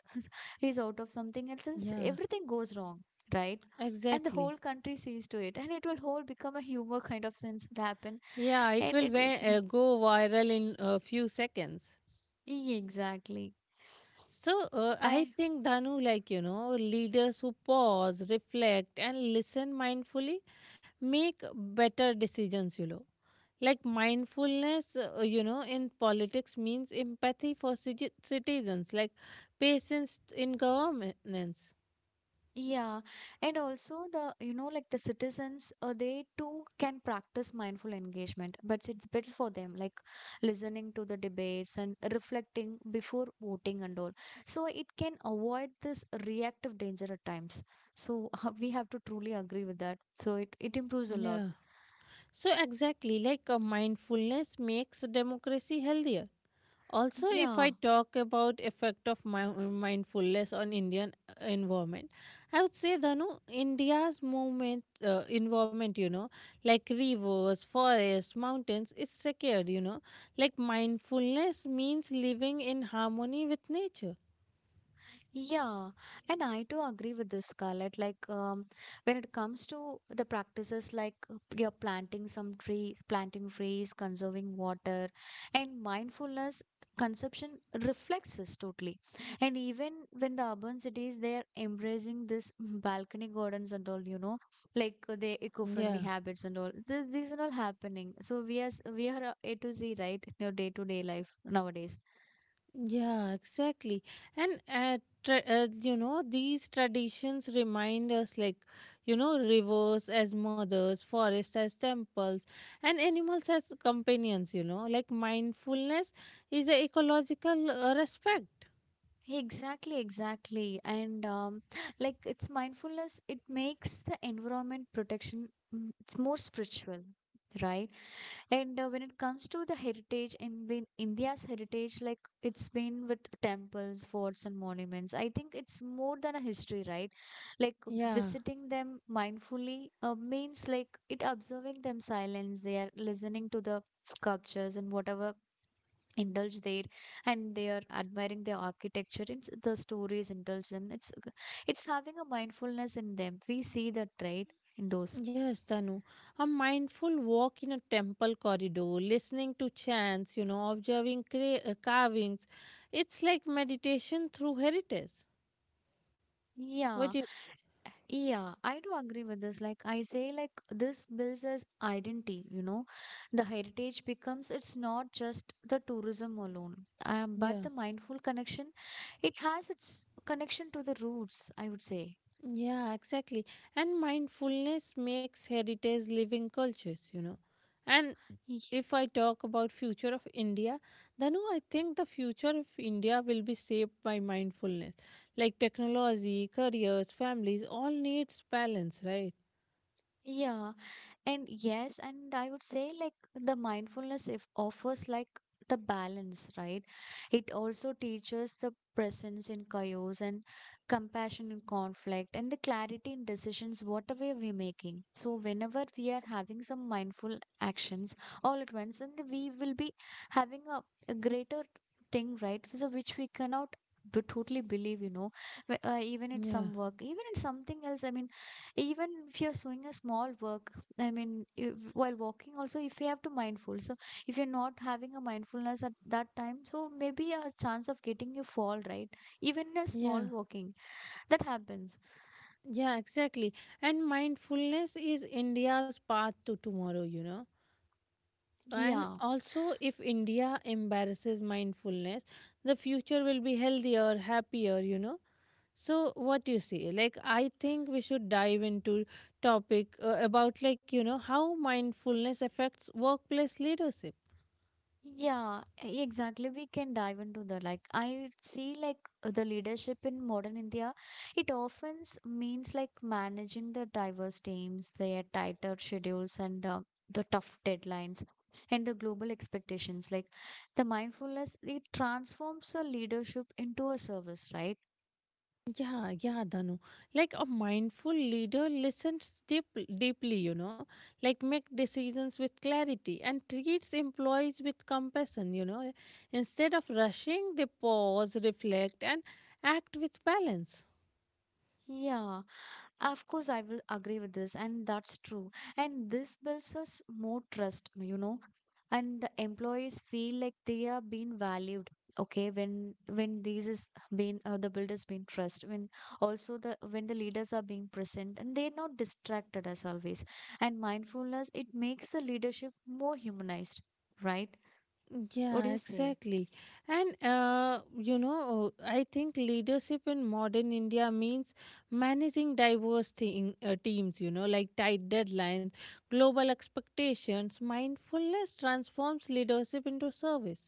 he's out of something else, and
yeah,
everything goes wrong, right. And the
exactly.
whole country sees to it, and it will whole become a humor kind of sense will happen.
Yeah, it
And
will
it will be,
go viral in a few seconds.
Exactly.
So, I
I
think, Danu, like, leaders who pause, reflect, and listen mindfully make better decisions. Like mindfulness, in politics means empathy for citizens, like patience in governance.
yeah, and also the, you know, like the citizens, they too can practice mindful engagement, but it's better for them, like listening to the debates and reflecting before voting and all, so it can avoid this reactive danger at times. So we have to truly agree with that, so it improves a lot.
Yeah. So, exactly, like mindfulness makes democracy healthier. Also, if I
Yeah,
talk about effect of mindfulness on Indian environment, I would say the no, India's movement environment, you know, like rivers, forests, mountains is secured, like mindfulness means living in harmony with nature.
yeah. And I do agree with this, Scarlett. Like, when it comes to the practices like you're planting some trees, planting trees, conserving water, and mindfulness conception reflects this totally. And even when the urban cities, they're embracing this balcony gardens and all, you know, like the
Yeah.
eco-friendly habits and all. This These are all happening. So we are A to Z, right, in your day-to-day life nowadays.
Yeah, exactly. And these traditions remind us like, rivers as mothers, forests as temples, and animals as companions, like mindfulness is a ecological respect.
Exactly, exactly. And like it's mindfulness, it makes the environment protection, mm, it's more spiritual, right? And when it comes to the heritage in India's heritage, like it's been with temples, forts, and monuments. I think it's more than a history, right? Like
Yeah.
visiting them mindfully means like it observing them silence. They are listening to the sculptures and whatever indulge there, and they are admiring the architecture, it's the stories indulge them. It's having a mindfulness in them, we see that right in those.
Yes, Tanu. A mindful walk in a temple corridor, listening to chants, observing carvings. It's like meditation through heritage. What
Yeah,
do you?
yeah, I do agree with this. Like I say, like this builds as identity, you know, the heritage becomes it's not just the tourism alone, but
Yeah.
the mindful connection, it has its connection to the roots, I would say.
Yeah, exactly. And mindfulness makes heritage living cultures. And
Ye-
if I talk about future of India, then I think the future of India will be shaped by mindfulness. Like technology, careers, families, all needs balance, right?
yeah. And yes, and I would say like the mindfulness if offers like the balance, right? It also teaches the presence in chaos and compassion in conflict and the clarity in decisions, whatever we're making. So whenever we are having some mindful actions all at once, and we will be having a greater thing, right? So which we cannot totally believe, you know, even at
Yeah,
some work, even at something else. I mean, even if you're doing a small work, I mean, if, while walking also, if you have to mindful. So if you're not having a mindfulness at that time, so maybe a chance of getting you fall, right? Even a small
yeah,
walking that happens.
yeah, exactly. And mindfulness is India's path to tomorrow. And
Yeah.
also, if India embarrasses mindfulness, the future will be healthier, happier. So what you say, like I think we should dive into topic about like how mindfulness affects workplace leadership.
Yeah, exactly. We can dive into that. Like, I see, like, the leadership in modern India, it often means like managing the diverse teams, their tighter schedules, and the tough deadlines, and the global expectations. Like, the mindfulness, it transforms a leadership into a service, right?
Yeah, yeah, Danu. Like a mindful leader listens deeply, like make decisions with clarity and treats employees with compassion. Instead of rushing, they pause, reflect, and act with balance.
Yeah. Of course, I will agree with this, and that's true. And this builds us more trust, you know. And the employees feel like they are being valued. Okay, when these is being the builders being trust, when also the when the leaders are being present, and they're not distracted as always. And mindfulness it makes the leadership more humanized, right? What do
Yeah,
you say?
exactly. And, I think leadership in modern India means managing diverse teams, like tight deadlines, global expectations. Mindfulness transforms leadership into service.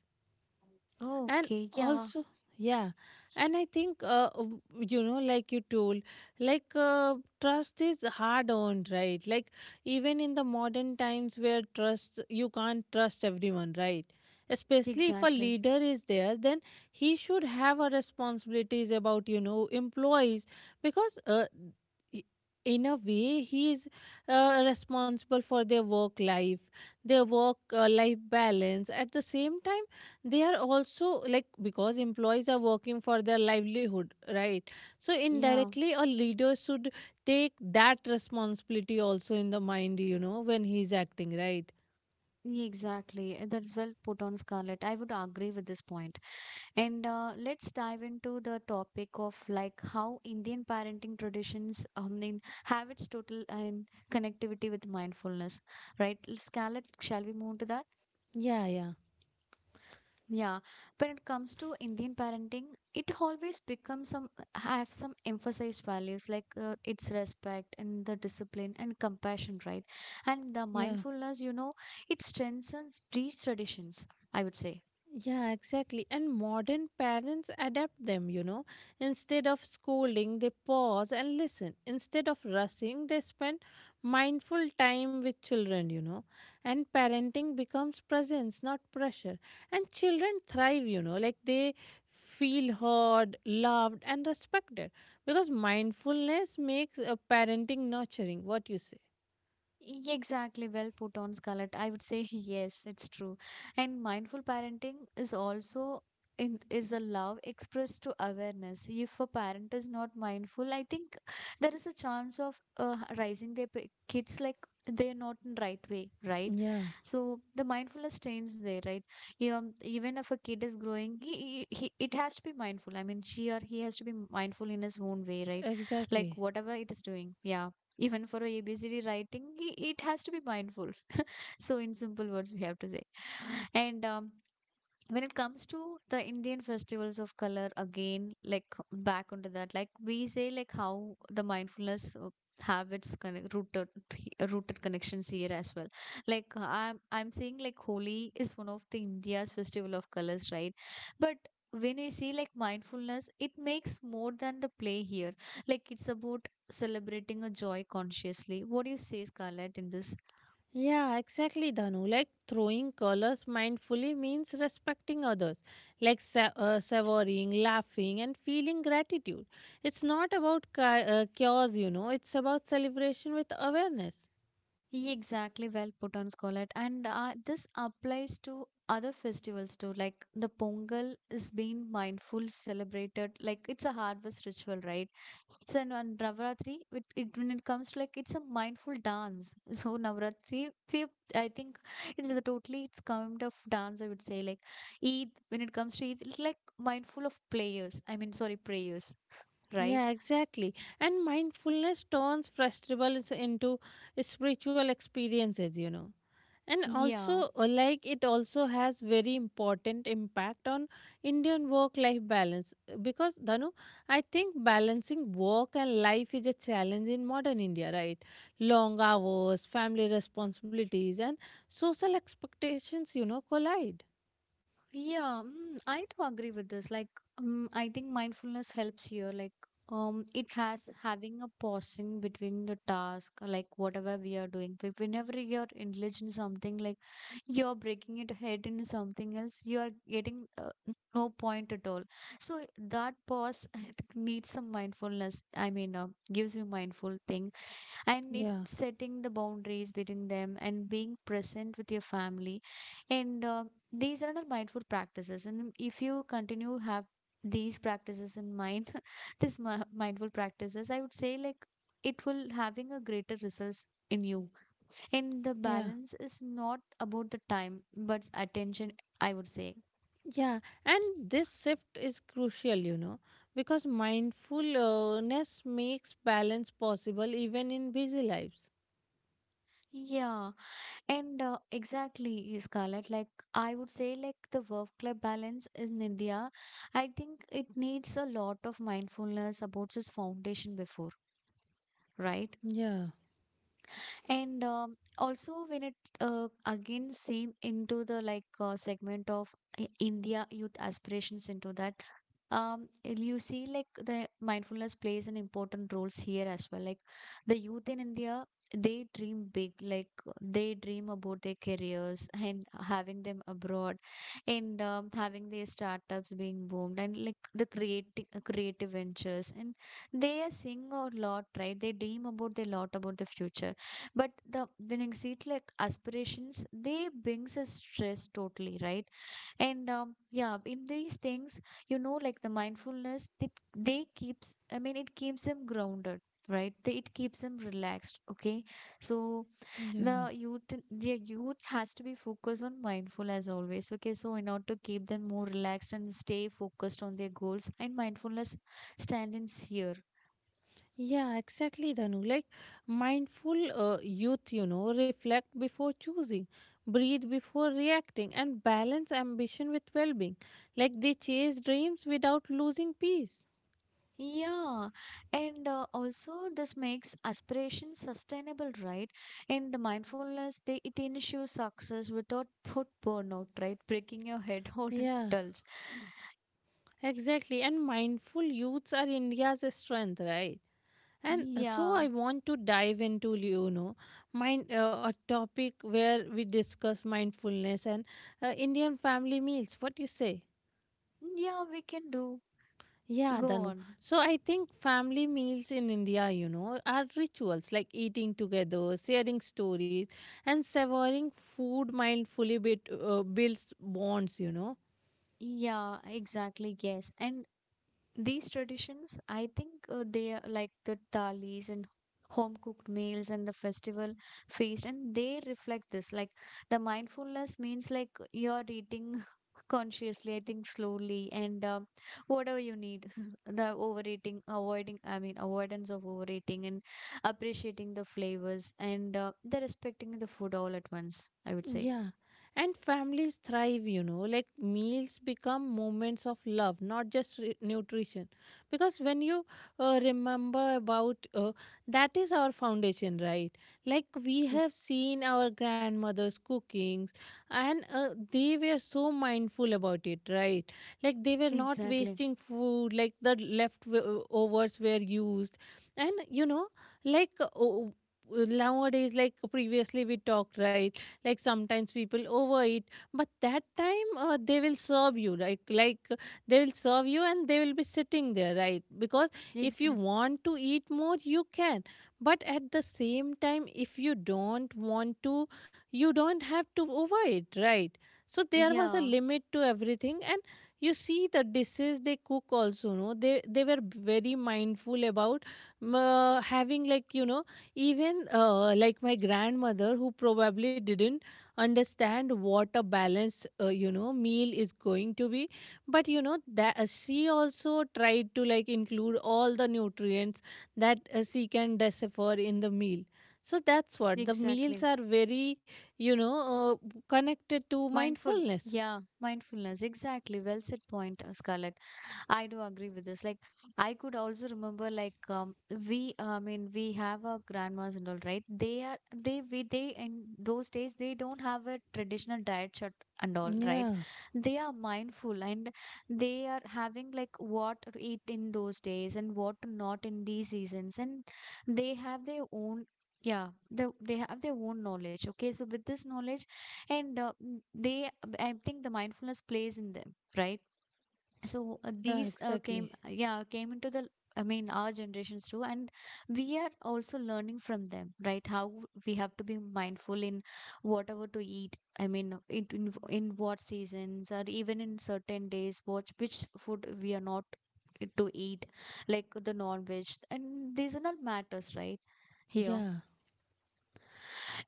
Oh,
And
okay, yeah,
also, yeah, and I think like you told, like trust is hard earned, right? Like even in the modern times, where trust, you can't trust everyone, right? Especially if a
exactly,
leader is there, then he should have a responsibilities about employees. Because i- in a way, he is responsible for their work life, their work life balance. At the same time, they are also like, because employees are working for their livelihood, right? So
yeah.
indirectly, a leader should take that responsibility also in the mind, you know, when he's acting, right?
Exactly. That's well put on Scarlett. I would agree with this point. And let's dive into the topic of like how Indian parenting traditions in, have its total and connectivity with mindfulness, right? Scarlett, shall we move to that?
Yeah, yeah,
Yeah. When it comes to Indian parenting, it always becomes some have some emphasized values like its respect and the discipline and compassion, right? And the
yeah.
mindfulness, you know, it strengthens these traditions, I would say.
Yeah, exactly. And modern parents adapt them. Instead of scolding, they pause and listen. Instead of rushing, they spend mindful time with children. And parenting becomes presence, not pressure. And children thrive, like they feel heard, loved, and respected. Because mindfulness makes parenting nurturing. What you say?
Exactly, well put on Scarlett. I would say yes, it's true. And mindful parenting is also is a love expressed to awareness. If a parent is not mindful, I think there is a chance of raising their kids like they're not in right way, right?
Yeah,
So the mindfulness trains there, right? Even if a kid is growing, he it has to be mindful. I mean, she or he has to be mindful in his own way, right? Like
exactly.
whatever it is doing, yeah, even for a busy writing, it has to be mindful. So, in simple words, we have to say. And When it comes to the indian festivals of color again, like back onto that, like we say like how the mindfulness have its rooted, rooted connections here as well, like I'm saying like Holi is one of the india's festival of colors, right? But when we see like mindfulness, it makes more than the play here, like it's about celebrating a joy consciously. What do you say, Scarlett, in this?
Yeah, exactly, Dhanu. Like throwing colors mindfully means respecting others, like savoring, laughing, and feeling gratitude. It's not about chaos, it's about celebration with awareness.
He exactly, well put on Scollett, and this applies to other festivals too. Like the Pongal is being mindful, celebrated like it's a harvest ritual, right? So and on Navratri, it when it comes to like it's a mindful dance. So Navratri, I think it's a totally it's kind of dance. I would say like Eid, when it comes to Eid, it's like mindful of players. I mean, sorry, prayers, right?
Yeah, exactly. And mindfulness turns festivals into spiritual experiences. And also,
Yeah.
like it also has very important impact on Indian work life balance. Because Danu, I think balancing work and life is a challenge in modern India, right? Long hours, family responsibilities, and social expectations, collide.
Yeah, mm, I do agree with this. Like, I think mindfulness helps here. Like, it has having a pause in between the task, like whatever we are doing. But whenever you're engaged in something, like you're breaking it ahead into something else, you are getting no point at all. So that pause it needs some mindfulness. I mean, gives you mindful thing, and it's
Yeah,
setting the boundaries between them and being present with your family, and these are not mindful practices, and if you continue have these practices in mind this mindful practices, I would say, like it will having a greater results in you, and the
yeah,
balance is not about the time but attention, I would say.
yeah. And this shift is crucial, because mindfulness makes balance possible even in busy lives.
Yeah. And exactly, Scarlett, like I would say, like the work life balance in India, I think it needs a lot of mindfulness about its foundation before, right?
Yeah,
And Also, when it again same into the like segment of India youth aspirations into that, um, you see like the mindfulness plays an important roles here as well, like the youth in india, they dream big, like they dream about their careers and having them abroad, and having their startups being boomed, and like the creative ventures, and they are seeing a lot, right? They dream about their lot about the future. But the when you see it like aspirations, they brings a stress totally, right? And yeah, in these things, you know, like the mindfulness, they keeps, I mean it keeps them grounded, right? They, it keeps them relaxed, okay? So
yeah.
the youth the youth has to be focused on mindful as always, okay, so in order to keep them more relaxed and stay focused on their goals, and mindfulness stand in here.
Yeah, exactly, Dhanu. Like mindful youth, reflect before choosing, breathe before reacting, and balance ambition with well being. Like they chase dreams without losing peace.
Yeah, and also this makes aspiration sustainable, right? In the mindfulness, they it ensures success without foot burnout, right? Breaking your head whole and
Yeah,
indulge.
exactly. And mindful youths are India's strength, right? And so
Yeah,
I want to dive into, you know, mind a topic where we discuss mindfulness and Indian family meals. What do you say?
yeah, we can do.
Yeah,
Go
Danu.
on.
So I think family meals in India, are rituals like eating together, sharing stories, and savoring food mindfully builds bonds.
Yeah, exactly. Yes, and these traditions, I think they are like the thalis and home cooked meals and the festival feast, and they reflect this. Like the mindfulness means like you're eating consciously, I think slowly, and whatever you need, the overeating, avoiding, I mean, avoidance of overeating, and appreciating the flavors, and the respecting the food all at once, I would say.
Yeah. And families thrive, like meals become moments of love, not just nutrition. Because when you remember about that is our foundation, right? Like we
Ye-
have seen our grandmothers' cookings and they were so mindful about it, right? Like they were not
Exactly.
wasting food, like the leftovers were used. And, like nowadays, like previously we talked, right? Like sometimes people overeat, but that time they will serve you like they will serve you, and they will be sitting there, right? Because if you
Exactly.
want to eat more, you can, but at the same time, if you don't want to, you don't have to overeat, right? So there was a
Yeah,
limit to everything. And you see the dishes they cook also, no, they were very mindful about having, like, even like my grandmother who probably didn't understand what a balanced meal is going to be, but you know that she also tried to like include all the nutrients that she can decipher in the meal. So that's what the meals
exactly.
are very, connected to
Mindful.
mindfulness.
Yeah, mindfulness. Exactly. Well said point, Scarlett. I do agree with this. Like, I could also remember, like, we, I mean, we have our grandmas and all, right? They are, they, we, they, in those days, they don't have a traditional diet chart and all, right?
Yeah,
They are mindful, and they are having, like, what to eat in those days and what to not in these seasons. And they have their own. Yeah, they have their own knowledge. Okay, so with this knowledge, and they, I think the mindfulness plays in them, right? So
yeah,
these came
exactly.
yeah, came into the, I mean our generations too, and we are also learning from them, right? How we have to be mindful in whatever to eat, I mean in what seasons, or even in certain days what which food we are not eh, to eat, like the non-veg, and these are not matters, right, here.
Yeah.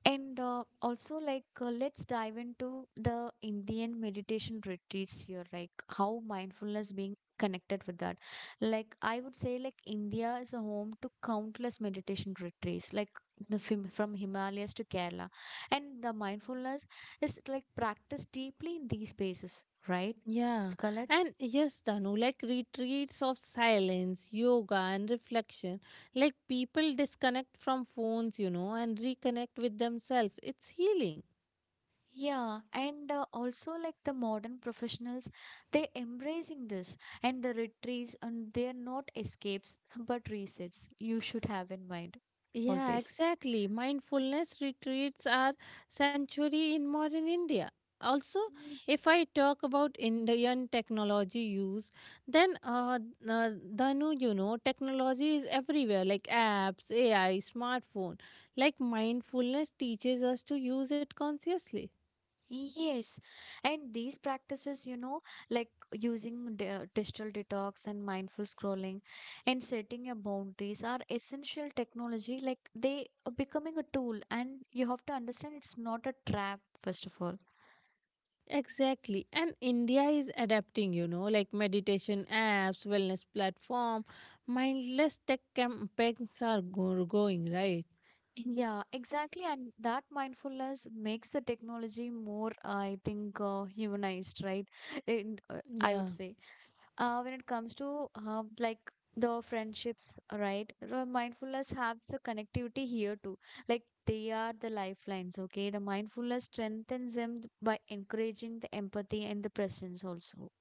And also, like, let's dive into the Indian meditation retreats here, like how mindfulness being connected with that. Like, I would say, like, India is a home to countless meditation retreats, like the from Himalayas to Kerala, and the mindfulness is like practiced deeply in these spaces, right,
Yeah,
Scarlett?
and yes, Danu, like retreats of silence, yoga, and reflection. Like people disconnect from phones, and reconnect with themselves. It's healing.
Yeah, and also like the modern professionals, they embracing this and the retreats, and they are not escapes but resets. You should have in mind
Yeah,
always.
exactly. Mindfulness retreats are sanctuary in modern India. Also,
Y-
if I talk about Indian technology use, then uh, Dhanu, technology is everywhere like apps, AI, smartphone. Like mindfulness teaches us to use it consciously.
Yes, and these practices, you know, like using digital detox and mindful scrolling and setting your boundaries are essential technology. Like they are becoming a tool, and you have to understand it's not a trap, first of all.
Exactly. And India is adapting, like meditation apps, wellness platform, mindless tech campaigns are going, right?
Yeah, exactly. And that mindfulness makes the technology more, I think, humanized, right? And, I would
Yeah.
say, when it comes to like the friendships, right? The mindfulness has the connectivity here too. Like they are the lifelines, okay? The mindfulness strengthens them by encouraging the empathy and the presence also.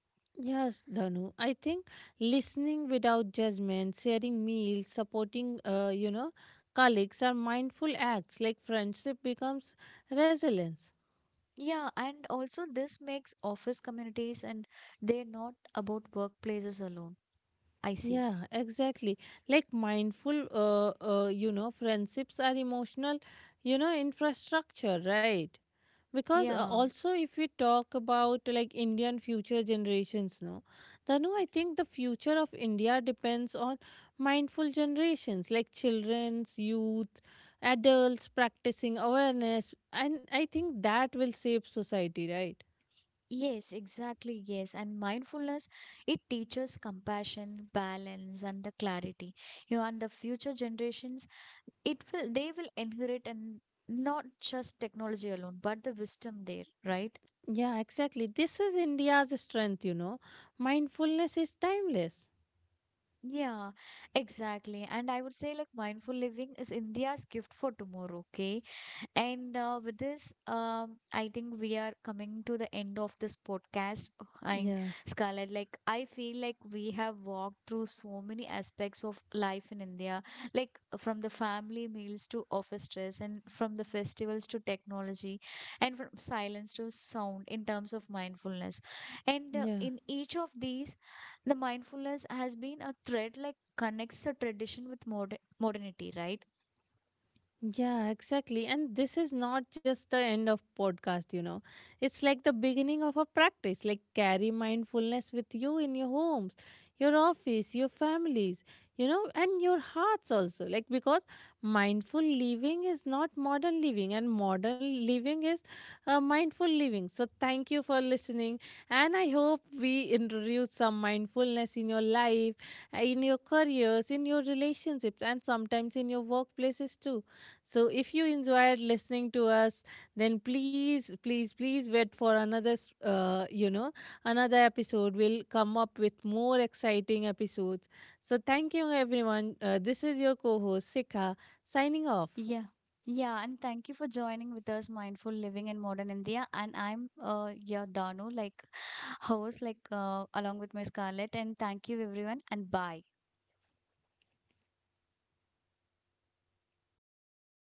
Yes, Dhanu. I think listening without judgment, sharing meals, supporting, colleagues are mindful acts. Like friendship becomes resilience.
Yeah, and also this makes office communities, and they're not about workplaces alone. I see.
Yeah, exactly. Like mindful, friendships are emotional, infrastructure, right? Because
Yeah.
also, if we talk about like Indian future generations, no, Danu, I think the future of India depends on mindful generations like children's, youth, adults practicing awareness, and I think that will shape society, right?
Yes, exactly. Yes. And mindfulness, it teaches compassion, balance, and the clarity. You know, and the future generations, it will, they will inherit and not just technology alone, but the wisdom there, right?
Yeah, exactly. This is India's strength, mindfulness is timeless.
Yeah, exactly. And I would say like mindful living is India's gift for tomorrow, okay? And with this, I think we are coming to the end of this podcast. And
Yeah,
Scarlett, like, I feel like we have walked through so many aspects of life in India, like from the family meals to office stress, and from the festivals to technology, and from silence to sound in terms of mindfulness. And
yeah.
in each of these, the mindfulness has been a thread like connects the tradition with modernity, right?
Yeah, exactly. And this is not just the end of podcast. It's like the beginning of a practice. Like carry mindfulness with you in your homes, your office, your families, and your hearts also. Like because mindful living is not modern living and modern living is mindful living. So thank you for listening and I hope we introduce some mindfulness in your life, in your careers, in your relationships and sometimes in your workplaces too. So if you enjoyed listening to us, then please, please, please wait for another, s- you know, another episode. We'll come up with more exciting episodes. So thank you, everyone. This is your co host, Sikha, signing off.
Yeah. Yeah, and thank you for joining with us, Mindful Living in Modern India. And I'm your Danu, like host, like along with my Scarlett. And thank you, everyone, and bye.